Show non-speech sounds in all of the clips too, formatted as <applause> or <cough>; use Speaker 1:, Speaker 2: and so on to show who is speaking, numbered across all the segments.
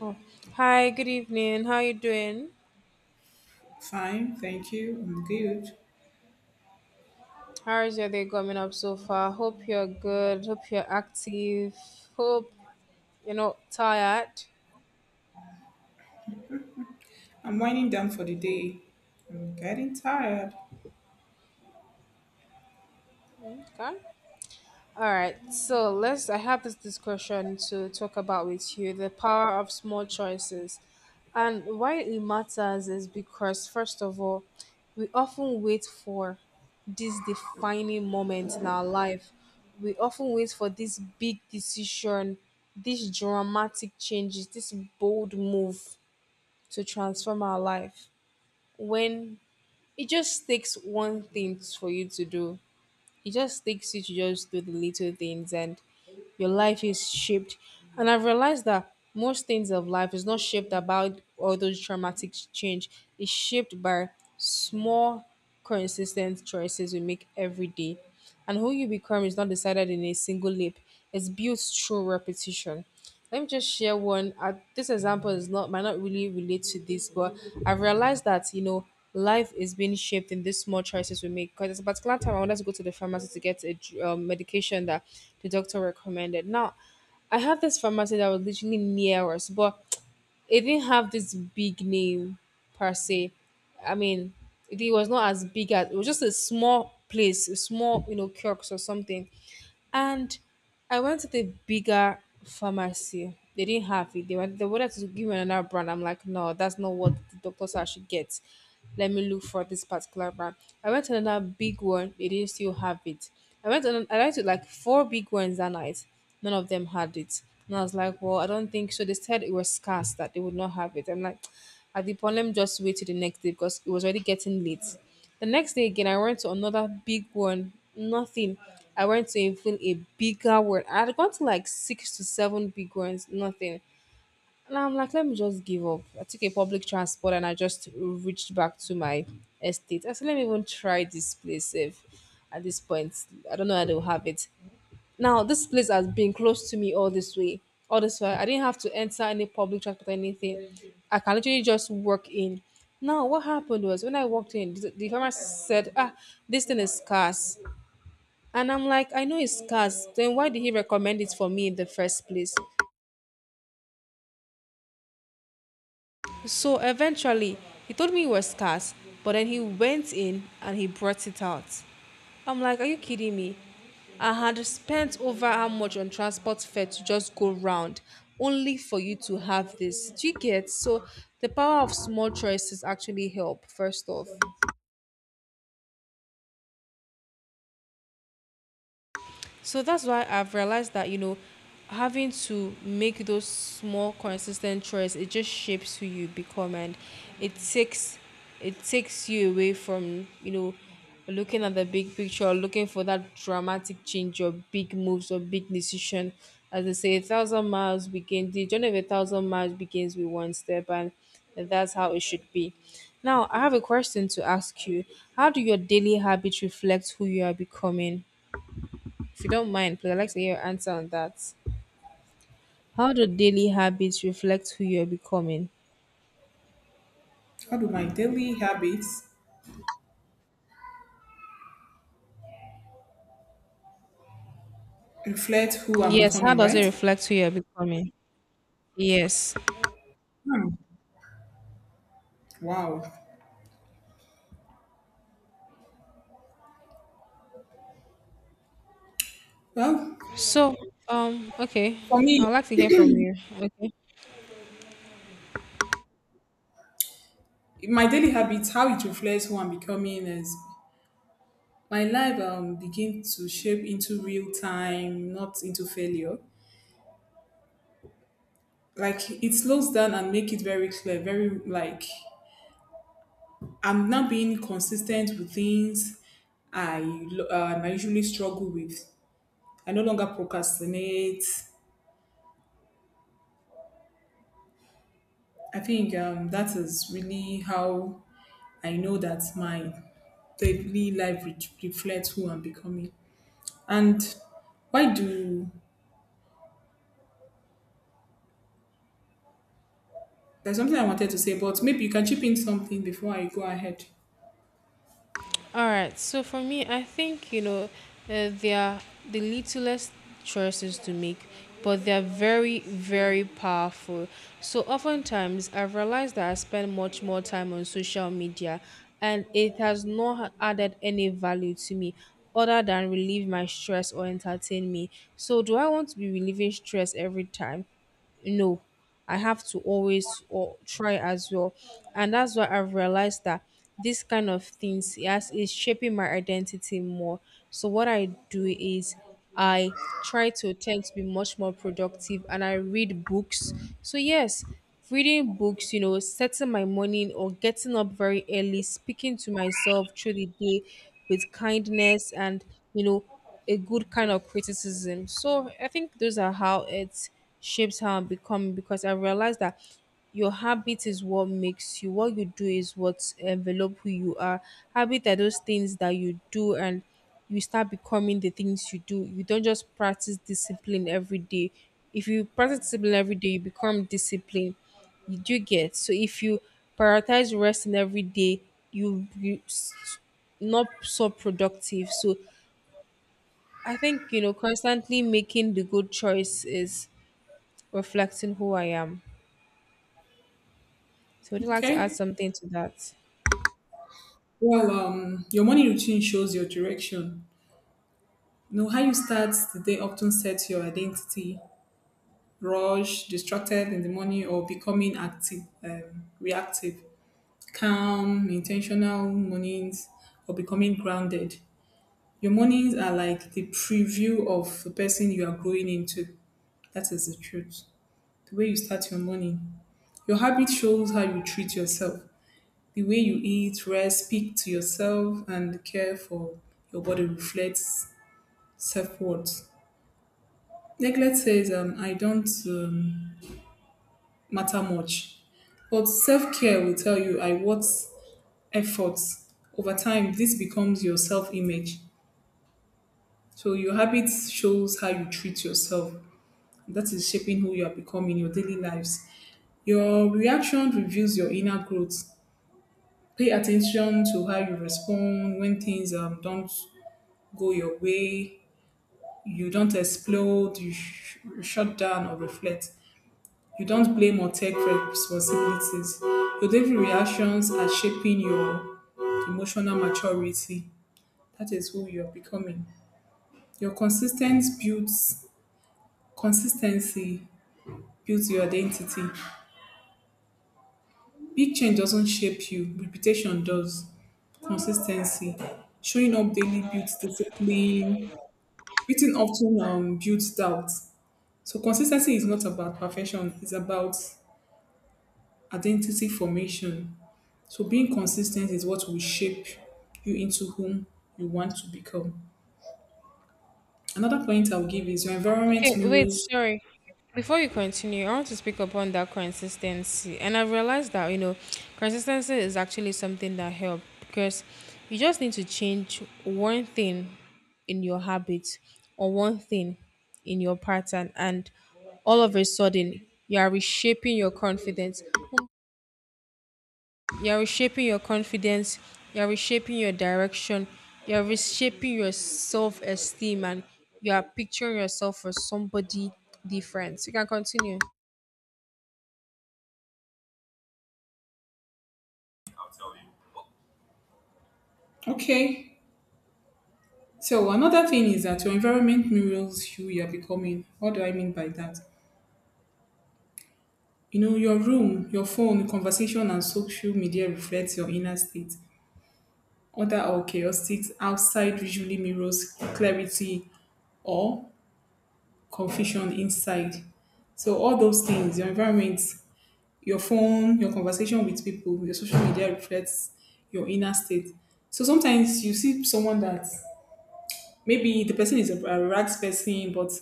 Speaker 1: Oh, hi, good evening. How you doing?
Speaker 2: Fine, thank you. I'm good.
Speaker 1: How is your day coming up so far? Hope you're good. Hope you're active. Hope you're not tired.
Speaker 2: I'm winding down for the day. I'm getting tired.
Speaker 1: Okay. All right, so let's. I have this discussion to talk about with you the power of small choices. And why it matters is because, first of all, we often wait for this defining moment in our life. We often wait for this big decision, these dramatic changes, this bold move to transform our life. When it just takes one thing for you to do it just takes you to just do the little things, and your life is shaped. And I've realized that most things of life is not shaped about all those traumatic change. It's shaped by small consistent choices we make every day. And who you become is not decided in a single leap. It's built through repetition. Let me just share one. This example is not might not really relate to this, but I've realized that life is being shaped in these small choices we make. Because at a particular time, I wanted to go to the pharmacy to get a medication that the doctor recommended. Now, I had this pharmacy that was literally near us, but <tsk> it didn't have this big name per se. I mean, it was not as big as it was just a small place, a small kiosk or something. And I went to the bigger pharmacy. They didn't have it. They wanted to give me another brand. I'm like, no, that's not what the doctor said I should get. Let me look for this particular brand. I went to another big one. They didn't still have it. I went to like four big ones that night. None of them had it. And I was like, well, I don't think so. They said it was scarce that they would not have it. I'm like, <tsk> at the point, let just wait till the next day because it was already getting late. The next day again, I went to another big one. Nothing. I went to even a bigger one. I had gone to like six to seven big ones. Nothing. And I'm like, let me just give up. I took a public transport and I just reached back to my estate. I said, let me even try this place if at this point, I don't know how they'll have it. Now, this place has been close to me all this way. All this way. I didn't have to enter any public transport or anything. I can literally just walk in. Now, what happened was when I walked in, the farmer said, "Ah, this thing is scarce." And I'm like, I know it's scarce. Then why did he recommend it for me in the first place? So eventually, he told me it was scarce, but then he went in and he brought it out. I'm like, are you kidding me? I had spent over how much on transport fare to just go round, only for you to have this. Do you get? So the power of small choices actually help, first off. So that's why I've realized that, having to make those small consistent choices, it just shapes who you become. And it takes it takes you away from, looking at the big picture, looking for that dramatic change or big moves or big decision. As they say, a thousand miles begins the journey of a thousand miles begins with one step, and that's how it should be. Now I have a question to ask you. How do your daily habits reflect who you are becoming? If you don't mind, please, I'd like to hear your answer on that. How do daily habits reflect who you're becoming?
Speaker 2: How do my daily habits reflect who I'm
Speaker 1: Yes, how
Speaker 2: becoming,
Speaker 1: does it
Speaker 2: right?
Speaker 1: reflect who you're becoming? Yes.
Speaker 2: Hmm. Wow. Well,
Speaker 1: So, okay.
Speaker 2: for me,
Speaker 1: I'd like to hear from you. Okay.
Speaker 2: my daily habits, how it reflects who I'm becoming is my life begin to shape into real time, not into failure. Like it slows down and make it very clear, very like I'm not being consistent with things I usually struggle with. I no longer procrastinate. I think that is really how I know that my daily life reflects who I'm becoming. And why do there's something I wanted to say, but maybe you can chip in something before I go ahead.
Speaker 1: All right. So for me, I think they are the littlest choices to make, but they are very, very powerful. So oftentimes, I've realized that I spend much more time on social media, and it has not added any value to me other than relieve my stress or entertain me. So do I want to be relieving stress every time? No, I have to always or try as well. And that's why I've realized that this kind of things, yes, is shaping my identity more. So what I do is I try to attempt to be much more productive and I read books. So yes, reading books, setting my morning or getting up very early, speaking to myself through the day with kindness and you know a good kind of criticism. So I think those are how it shapes how I become because I realized that your habit is what makes you. What you do is what envelop who you are. Habit are those things that you do, and you start becoming the things you do. You don't just practice discipline every day. If you practice discipline every day, you become disciplined. You do get. So if you prioritize resting every day, you, you s- not so productive. So I think, constantly making the good choice is reflecting who I am. So would you like to add
Speaker 2: Okay.
Speaker 1: something to that?
Speaker 2: Your morning routine shows your direction. You know how you start the day often sets your identity. Rush, distracted in the morning, or becoming active, reactive. Calm, intentional mornings, or becoming grounded. Your mornings are like the preview of the person you are growing into. That is the truth. The way you start your morning. Your habit shows how you treat yourself. The way you eat, rest, speak to yourself, and care for your body reflects self worth. Neglect says, I don't matter much. But self care will tell you, I worth effort. Over time, this becomes your self image. So your habits shows how you treat yourself. That is shaping who you are becoming in your daily lives. Your reaction reveals your inner growth. Pay attention to how you respond when things don't go your way. You don't explode, you shut down or reflect. You don't blame or take responsibilities. Your daily reactions are shaping your emotional maturity. That is who you are becoming. Your consistence builds consistency built your identity. Big change doesn't shape you, reputation does. Consistency. Showing up daily builds discipline. Written often builds doubt. So consistency is not about perfection, it's about identity formation. So being consistent is what will shape you into whom you want to become. Another point I'll give is your environment
Speaker 1: Okay, wait,
Speaker 2: mirrors.
Speaker 1: sorry. Before you continue, I want to speak upon that consistency. And I realized that, consistency is actually something that helps because you just need to change one thing in your habit or one thing in your pattern, and all of a sudden you are reshaping your confidence. Oh. You're reshaping your confidence, you're reshaping your direction, you're reshaping your self esteem, and you are picturing yourself as somebody different. You can continue.
Speaker 2: Okay. So another thing is that your environment mirrors who you are becoming. What do I mean by that? You know, your room, your phone, conversation, and social media reflects your inner state. Order or chaotic outside usually mirrors clarity or confusion inside. So all those things, your environment, your phone, your conversation with people, your social media reflects your inner state. So sometimes you see someone that maybe the person is a rags person, but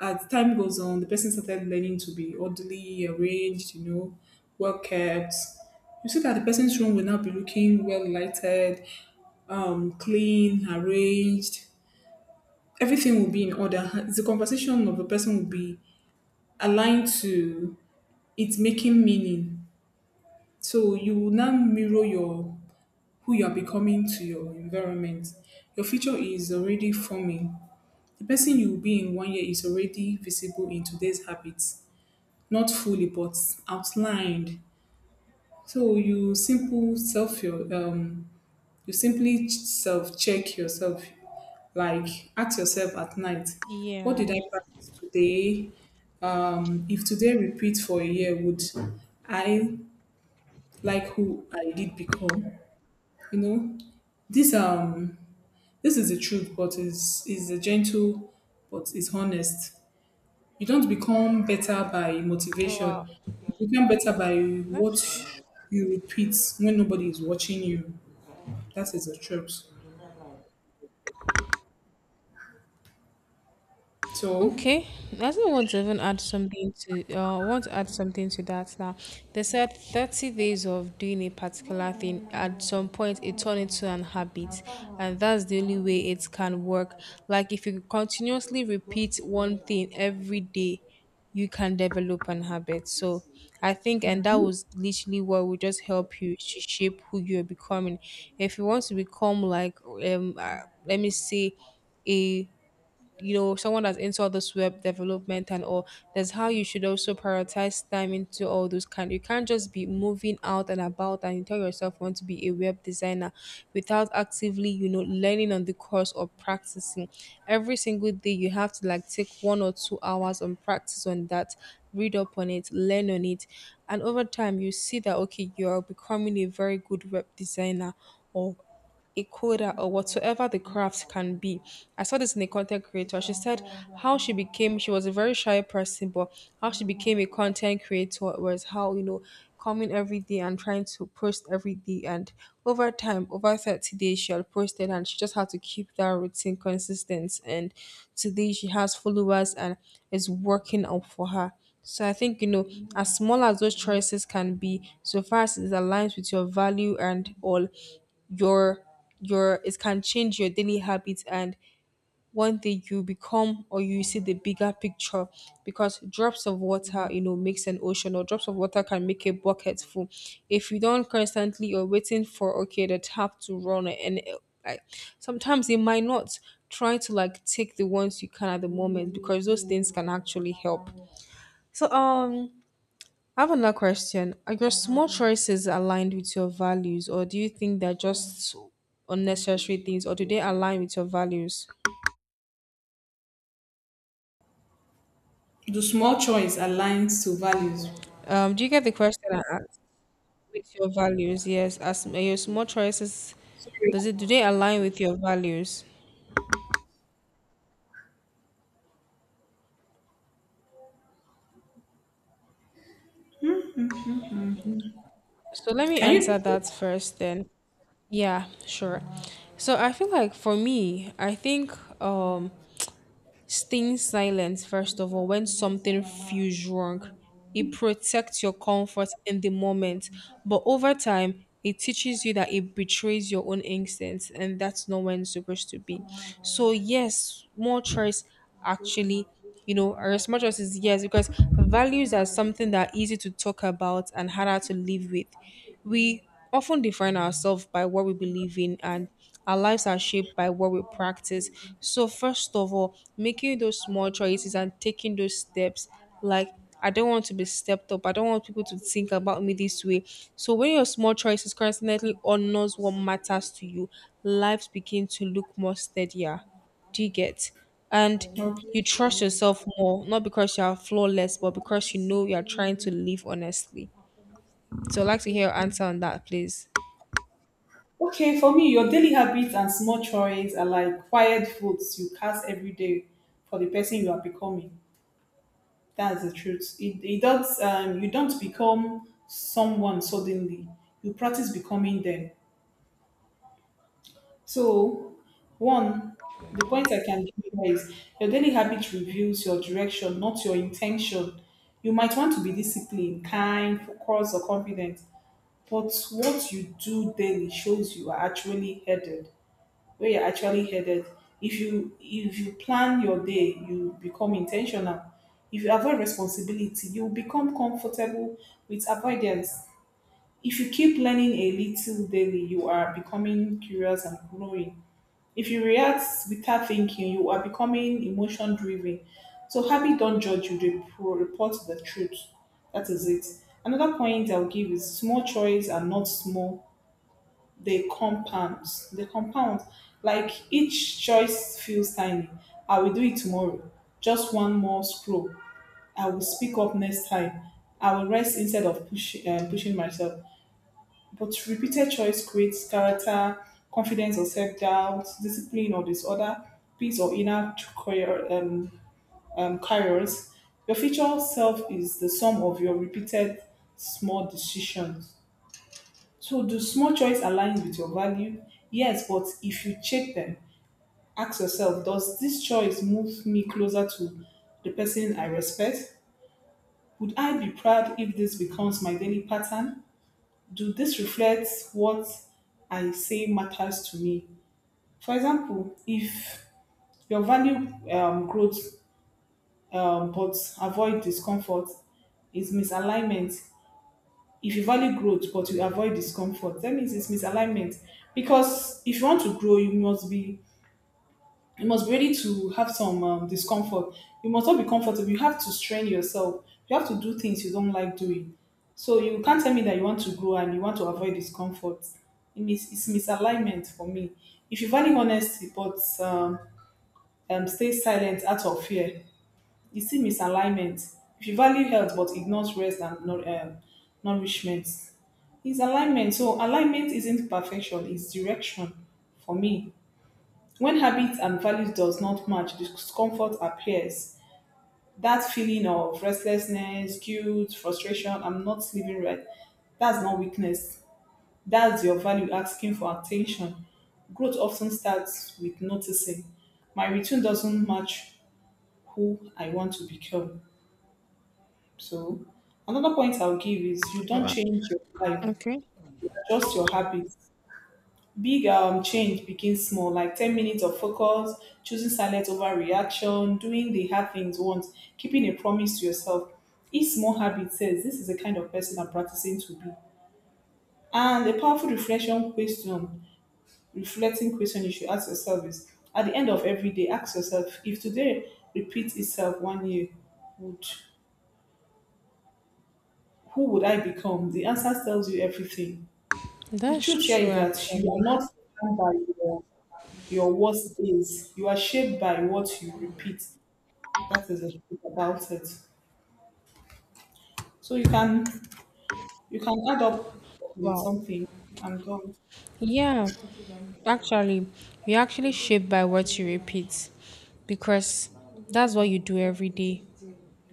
Speaker 2: as time goes on, the person started learning to be orderly, arranged, you know, well kept. You see that the person's room will now be looking well lighted, clean, arranged. Everything will be in order. The conversation of the person will be aligned to it making meaning. So you will now mirror your who you are becoming to your environment. Your future is already forming. The person you will be in 1 year is already visible in today's habits, not fully but outlined. So you simply self check yourself, like ask yourself at night, what
Speaker 1: Yeah.
Speaker 2: did I practice today? If today repeat for a year, would I like who I did become? You know, this um this is the truth, but is a gentle, but is honest. You don't become better by
Speaker 1: Oh, wow.
Speaker 2: motivation. You become better by
Speaker 1: That's
Speaker 2: what you repeat when nobody is watching you. That is the truth. So
Speaker 1: Okay, I still want to even add something to. Want to add something to that now. They said 30 days of doing a particular thing. At some point, it turned into an habit, and that's the only way it can work. Like if you continuously repeat one thing every day, you can develop an habit. So I think, and that was literally what will just help you to shape who you're becoming. If you want to become like, let me say, a someone that's into all this web development and all, that's how you should also prioritize time into all those kind. You can't just be moving out and about and you tell yourself you want to be a web designer without actively learning on the course or practicing every single day. You have to like take 1 or 2 hours on practice on that, read up on it, learn on it, and over time you see that okay you're becoming a very good web designer or a coder or whatsoever the craft can be. I saw this in a content creator. She said she was a very shy person, but how she became a content creator was how, coming every day and trying to post every day. And over time, over 30 days, she had posted and she just had to keep that routine consistent. And today she has followers and it's working out for her. So I think as small as those choices can be, so far as it aligns with your value and all, your your it can change your daily habits, and one day you become or you see the bigger picture because drops of water makes an ocean or drops of water can make a bucket full if you don't constantly you're waiting for okay the tap to run and like sometimes it might not. Try to like take the ones you can at the moment because those things can actually help. So I have another question. Are your small choices aligned with your values, or do you think they're just unnecessary things, or do they align with your values?
Speaker 2: the small choice aligns to values.
Speaker 1: Do you get the question I asked? With your values, yes. As are your small choices,
Speaker 2: Sorry,
Speaker 1: does it do they align with your values? So let me
Speaker 2: can you?
Speaker 1: answer that first then. Yeah, sure. So I feel like for me, I think um staying silent, first of all, when something feels wrong, it protects your comfort in the moment. But over time, it teaches you that it betrays your own instincts, and that's not when it's supposed to be. So, yes, more choice actually, or as much as is yes, because values are something that are easy to talk about and harder to live with. We often define ourselves by what we believe in, and our lives are shaped by what we practice. So first of all, making those small choices and taking those steps, like I don't want to be stepped up, I don't want people to think about me this way. So when your small choices constantly honors what matters to you, lives begin to look more steadier. Do you get? And
Speaker 2: Okay.
Speaker 1: you trust yourself more, not because you are flawless, but because you know you are trying to live honestly. So I'd like to hear your answer on that, please.
Speaker 2: Okay, for me, your daily habits and small choices are like quiet votes you cast every day for the person you are becoming. That's the truth. It, you don't become someone suddenly. You practice becoming them. So, one, the point I can give you here is your daily habit reveals your direction, not your intention. You might want to be disciplined, kind, focused, or confident, but what you do daily shows you are actually headed, where you're actually headed. If you plan your day, you become intentional. If you avoid responsibility, you become comfortable with avoidance. If you keep learning a little daily, you are becoming curious and growing. If you react without thinking, you are becoming emotion driven. So habit don't judge you, they report the truth. That is it. Another point I'll give is small choice are not small, they compound. They compound. Like each choice feels tiny. I will do it tomorrow. Just one more scroll. I will speak up next time. I will rest instead of pushing myself. But repeated choice creates character, confidence or self doubt, discipline or disorder, peace or inner chaos. Your future self is the sum of your repeated small decisions. So, do small choice align with your value? Yes, but if you check them, ask yourself, does this choice move me closer to the person I respect? Would I be proud if this becomes my daily pattern? Do this reflect what I say matters to me? For example, if your value growth but avoid discomfort is misalignment. If you value growth but you avoid discomfort, that means it's misalignment. Because if you want to grow, you must be ready to have some discomfort. You must not be comfortable. You have to strain yourself. You have to do things you don't like doing. So you can't tell me that you want to grow and you want to avoid discomfort. It's misalignment for me. If you value honesty but stay silent out of fear, you see misalignment. If you value health but ignores rest and nourishment, it's alignment. So alignment isn't perfection, it's direction for me. When habits and values does not match, discomfort appears. That feeling of restlessness, guilt, frustration, I'm not living right. That's not weakness. That's your value asking for attention. Growth often starts with noticing. My return doesn't match who I want to become. So another point I'll give is you don't
Speaker 1: Wow.
Speaker 2: change your life,
Speaker 1: Okay.
Speaker 2: you adjust your habits. Big change begins small, like 10 minutes of focus, choosing silence over reaction, doing the hard things once, keeping a promise to yourself. Each small habit says, this is the kind of person I'm practicing to be. And a powerful reflecting question you should ask yourself is at the end of every day, ask yourself, if today repeats itself 1 year, would who would I become? The answer tells you everything. The
Speaker 1: That's
Speaker 2: truth here
Speaker 1: true,
Speaker 2: is that you are
Speaker 1: actually.
Speaker 2: not defined by your your worst days. You are shaped by what you repeat. That is the truth about it. So you can add up on
Speaker 1: Wow.
Speaker 2: something. I'm done.
Speaker 1: Yeah, actually, you're actually shaped by what you repeat, because that's what you do every day.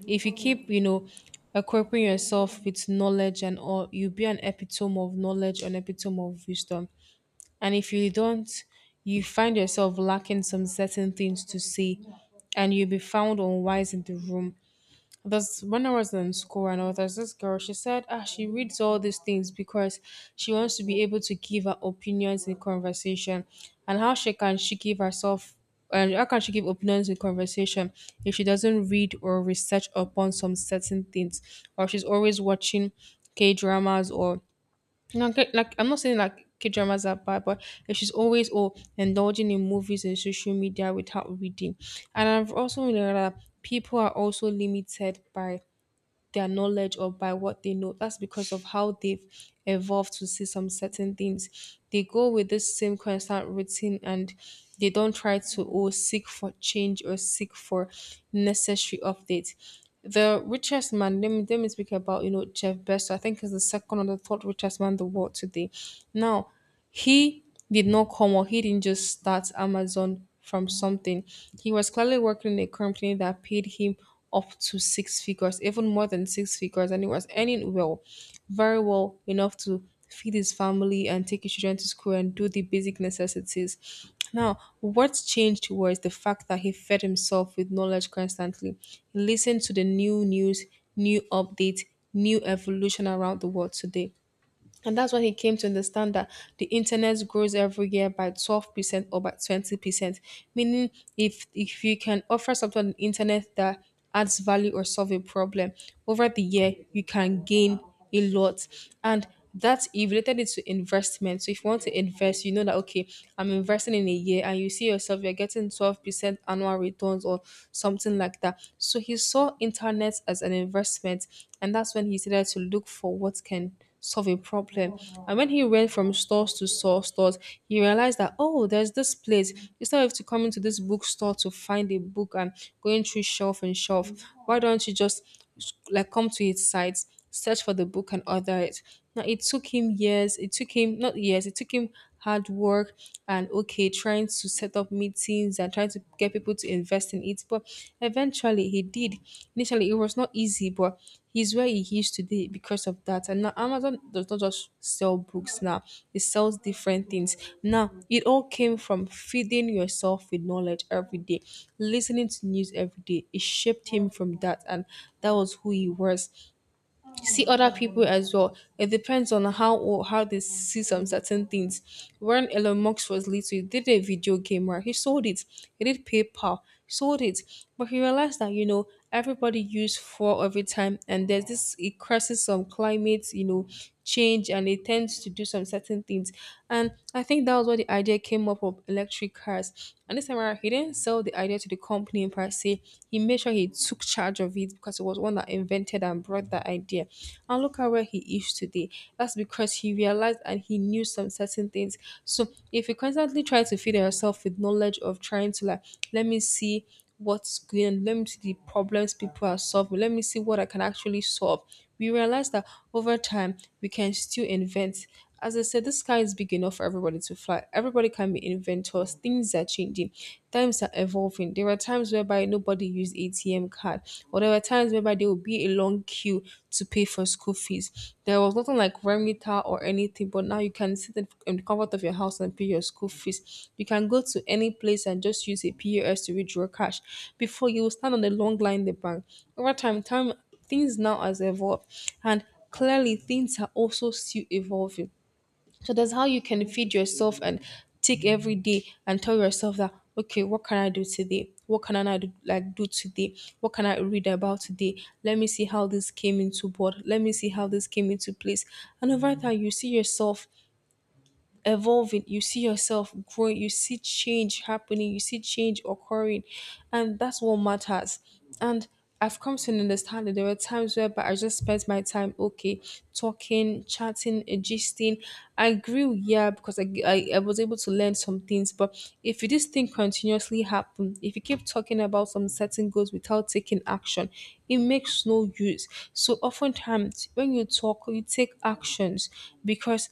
Speaker 1: If you keep, you know, equipping yourself with knowledge and all, you'll be an epitome of knowledge, an epitome of wisdom. And if you don't, you find yourself lacking some certain things to say, and you'll be found unwise in the room. That's when I was in school and all. There's this girl. She said, ah, she reads all these things because she wants to be able to give her opinions in conversation, and how she can she give herself, and how can she give opinions in conversation if she doesn't read or research upon some certain things, or she's always watching K dramas or now. Okay, I'm not saying like K dramas are bad, but if she's always oh indulging in movies and social media without reading. And I've also learned that people are also limited by their knowledge or by what they know. That's because of how they've evolved to see some certain things. They go with this same constant routine, and they don't try to or seek for change or seek for necessary updates. The richest man, let me speak about, you know, Jeff Bezos. I think is the second or the third richest man in the world today. Now, he did not come, or he didn't just start Amazon from something. He was clearly working in a company that paid him up to six figures, even more than six figures, and he was earning well, very well enough to feed his family and take his children to school and do the basic necessities. Now, what changed was the fact that he fed himself with knowledge constantly. He listened to the new news, new updates, new evolution around the world today. And that's when he came to understand that the internet grows every year by 12% or by 20%. Meaning, if you can offer something on the internet that adds value or solve a problem, over the year, you can gain a lot. And that he related it to investment. So if you want to invest, you know that, okay, I'm investing in a year and you see yourself, you're getting 12% annual returns or something like that. So he saw internet as an investment, and that's when he started to look for what can solve a problem. And when he went from stores to stores, he realized that oh, there's this place. Instead of to come into this bookstore to find a book and going through shelf and shelf, why don't you just come to its site, search for the book and order it? Now it took him years. It took him not years. It took him hard work and okay trying to set up meetings and trying to get people to invest in it, but eventually he did. Initially it was not easy, but he's where he is today because of that. And now Amazon does not just sell books now, it sells different things. Now it all came from feeding yourself with knowledge every day, listening to news every day. It shaped him from that, and that was who he was. See other people as well. It depends on how they see some certain things. When Elon Musk was little, he did a video game, right? He sold it. He did PayPal, sold it. But he realized that you know everybody used fuel every time, and there's this it causes some climate, you know, change, and it tends to do some certain things. And I think that was what the idea came up of electric cars. And this time around, he didn't sell the idea to the company per se. He made sure he took charge of it because he was one that invented and brought that idea. And look at where he is today. That's because he realized and he knew some certain things. So if you constantly try to feed yourself with knowledge of trying to let me see what's going on, let me see the problems people are solving, let me see what I can actually solve. We realize that over time we can still invent. As I said, the sky is big enough for everybody to fly. Everybody can be inventors. Things are changing. Times are evolving. There are times whereby nobody used ATM card, or there were times whereby there would be a long queue to pay for school fees. There was nothing like Remita or anything, but now you can sit in the comfort of your house and pay your school fees. You can go to any place and just use a POS to withdraw cash. Before you will stand on the long line in the bank. Over time, things now has evolved, and clearly things are also still evolving. So that's how you can feed yourself and take every day and tell yourself that okay, what can I do today? What can I not do, do today? What can I read about today? Let me see how this came into board. Let me see how this came into place. And over time, you see yourself evolving, you see yourself growing, you see change happening, you see change occurring, and that's what matters. And I've come to understand that there were times whereby I just spent my time okay talking, chatting, gisting. I grew, yeah, because I, g- I was able to learn some things. But if this thing continuously happen, if you keep talking about some certain goals without taking action, it makes no use. So oftentimes when you talk you take actions, because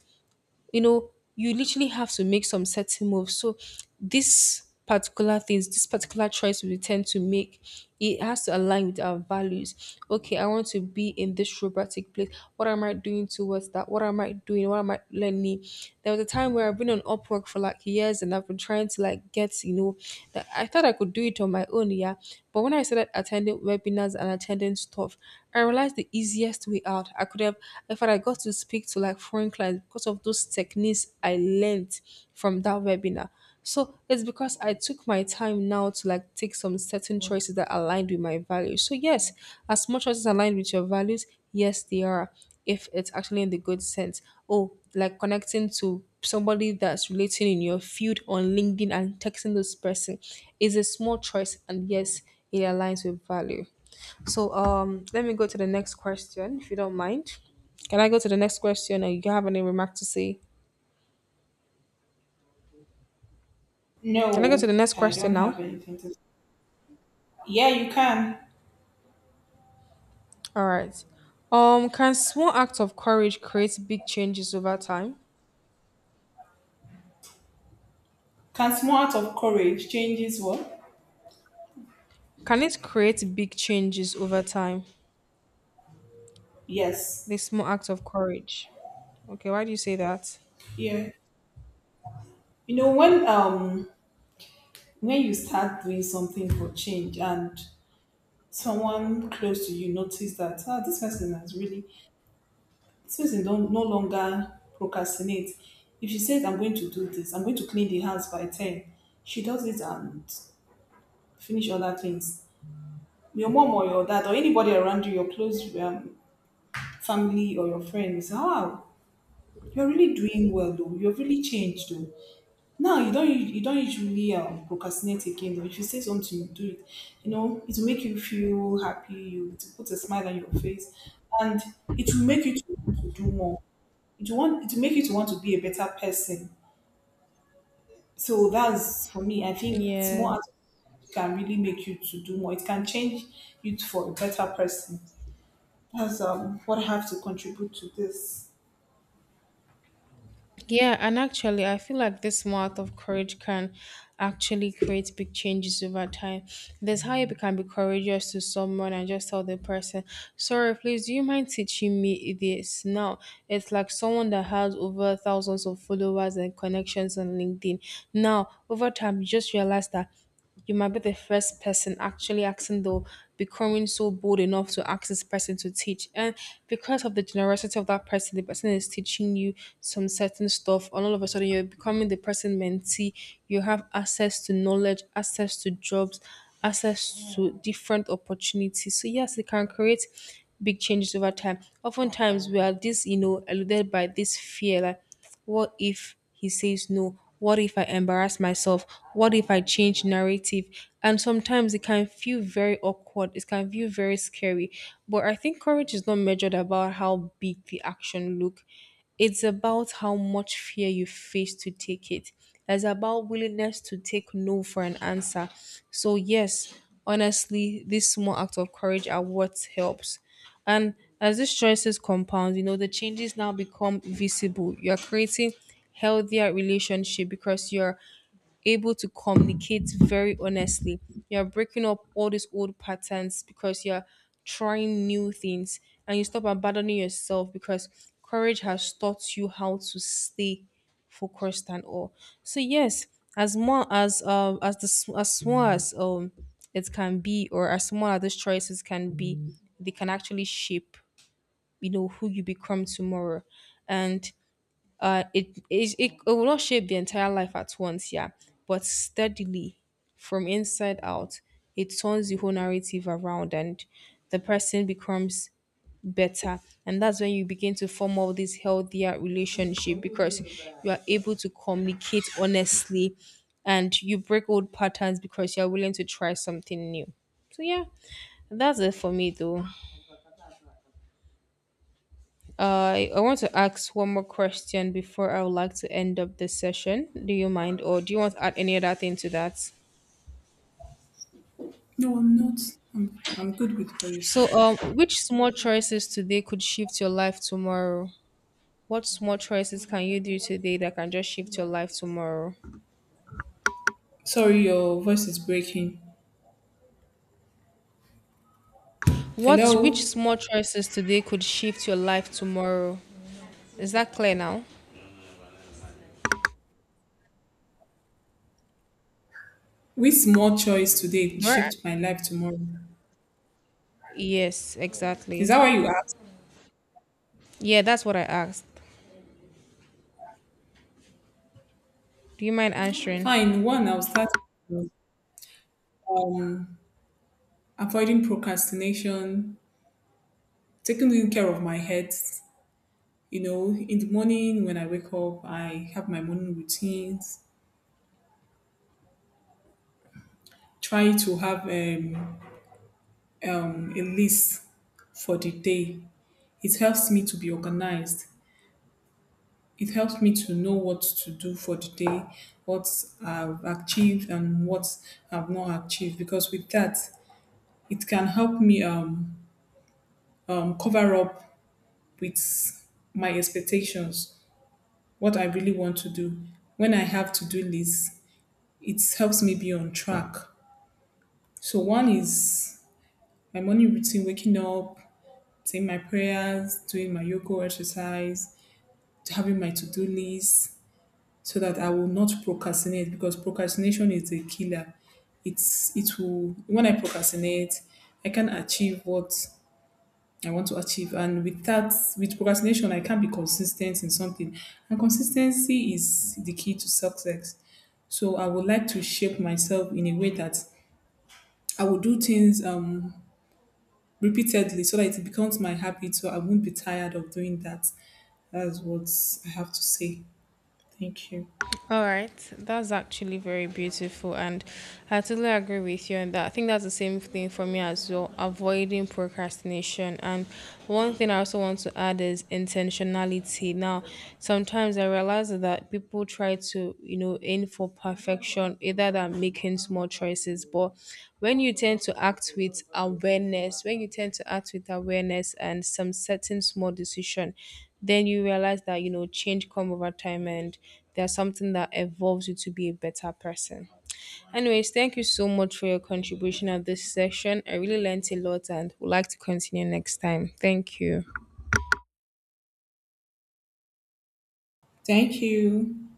Speaker 1: you know, you literally have to make some certain moves. So these particular things, this particular choice we tend to make, it has to align with our values. Okay, I want to be in this robotic place. What am I doing towards that? What am I doing? What am I learning? There was a time where I've been on Upwork for like years and I've been trying to like get, you know, that I thought I could do it on my own, yeah. But when I started attending webinars and attending stuff, I realized the easiest way out. I could have if I got to speak to like foreign clients because of those techniques I learned from that webinar. So it's because I took my time now to like take some certain choices that aligned with my values. So yes, as much as it's aligned with your values, yes they are. If it's actually in the good sense. Oh, like connecting to somebody that's relating in your field on LinkedIn and texting this person is a small choice, and yes, it aligns with value. So um let me go to the next question if you don't mind. Can I go to the next question and you have any remark to say? Can I go to the
Speaker 2: No,
Speaker 1: next
Speaker 2: I
Speaker 1: question
Speaker 2: don't
Speaker 1: now?
Speaker 2: have anything to say. Yeah, you can.
Speaker 1: All right. Can small acts of courage create big changes over time?
Speaker 2: Can small act of courage changes what?
Speaker 1: Can it create big changes over time? The
Speaker 2: Yes.
Speaker 1: small act of courage. Okay, why do you say that?
Speaker 2: Yeah. You know when you start doing something for change and someone close to you notice that, ah, this person has really Susan don't no longer procrastinate. If she says I'm going to do this, I'm going to clean the house by ten, she does it and finish other things. Your mom or your dad or anybody around you, your close family or your friends, wow, you're really doing well though. You've really changed though. Now you don't usually procrastinate again though. If you say something, you do it. You know, it will make you feel happy. You it will put a smile on your face, and it will make you to want to do more. It will make you to want to be a better person. So that's for me. I think
Speaker 1: Yeah.
Speaker 2: small acts can really make you to do more. It can change you for a better person. That's what I have to contribute to this.
Speaker 1: Yeah, and actually, I feel like this small act of courage can actually create big changes over time. There's how you can be courageous to someone and just tell the person, sorry, please, do you mind teaching me this? Now, it's like someone that has over thousands of followers and connections on LinkedIn. Now, over time, you just realize that. You might be the first person actually asking, though, becoming so bold enough to ask this person to teach. And because of the generosity of that person, the person is teaching you some certain stuff, and all of a sudden you're becoming the person mentee. You have access to knowledge, access to jobs, access to different opportunities. So, yes, it can create big changes over time. Oftentimes, we are this, you know, eluded by this fear. Like, what if he says no? What if I embarrass myself? What if I change narrative? And sometimes it can feel very awkward. It can feel very scary. But I think courage is not measured about how big the action look. It's about how much fear you face to take it. It's about willingness to take no for an answer. So yes, honestly, this small act of courage are what helps. And as these choices compound, you know, the changes now become visible. You're creating healthier relationship because you're able to communicate very honestly. You're breaking up all these old patterns because you're trying new things, and you stop abandoning yourself because courage has taught you how to stay focused and all. So yes, as small as the s- as small as it can be, or as small as those choices can be, they can actually shape you know who you become tomorrow. And it will not shape the entire life at once, yeah, but steadily from inside out, it turns the whole narrative around and the person becomes better. And that's when you begin to form all this healthier relationship because you are able to communicate honestly, and you break old patterns because you're willing to try something new. So yeah, that's it for me though. I want to ask one more question before I would like to end up this session. Do you mind, or do you want to add any other thing to that?
Speaker 2: No, I'm not. I'm good with what you
Speaker 1: So,
Speaker 2: said.
Speaker 1: which small choices today could shift your life tomorrow? What small choices can you do today that can just shift your life tomorrow?
Speaker 2: Sorry, your voice is breaking.
Speaker 1: What which
Speaker 2: Hello?
Speaker 1: small choices today could shift your life tomorrow? Is that clear now?
Speaker 2: Which small choice today could
Speaker 1: Do I-
Speaker 2: shift my life tomorrow?
Speaker 1: yes,
Speaker 2: Is
Speaker 1: exactly.
Speaker 2: that why you asked?
Speaker 1: Yeah, that's what I asked. Do you mind answering?
Speaker 2: Fine. One, I'll start with avoiding procrastination, taking good care of my head. You know, in the morning when I wake up, I have my morning routines, try to have a list for the day. It helps me to be organized. It helps me to know what to do for the day, what I've achieved and what I've not achieved. Because with that, it can help me cover up with my expectations, what I really want to do. When I have to do lists, it helps me be on track. So one is my morning routine, waking up, saying my prayers, doing my yoga exercise, having my to-do list so that I will not procrastinate because procrastination is a killer. It's it will when I procrastinate, I can achieve what I want to achieve. And with that, with procrastination, I can't be consistent in something. And consistency is the key to success. So I would like to shape myself in a way that I will do things repeatedly so that it becomes my habit so I won't be tired of doing that. That's what I have to say. Thank you.
Speaker 1: All right, that's actually very beautiful, and I totally agree with you on that. I think that's the same thing for me as well, avoiding procrastination. And one thing I also want to add is intentionality. Now, sometimes I realize that people try to, you know, aim for perfection, either that making small choices, but when you tend to act with awareness, when you tend to act with awareness and some certain small decision, then you realize that you know change come over time, and there's something that evolves you to be a better person. Anyways, thank you so much for your contribution at this session. I really learned a lot and would like to continue next time. Thank you.
Speaker 2: Thank you.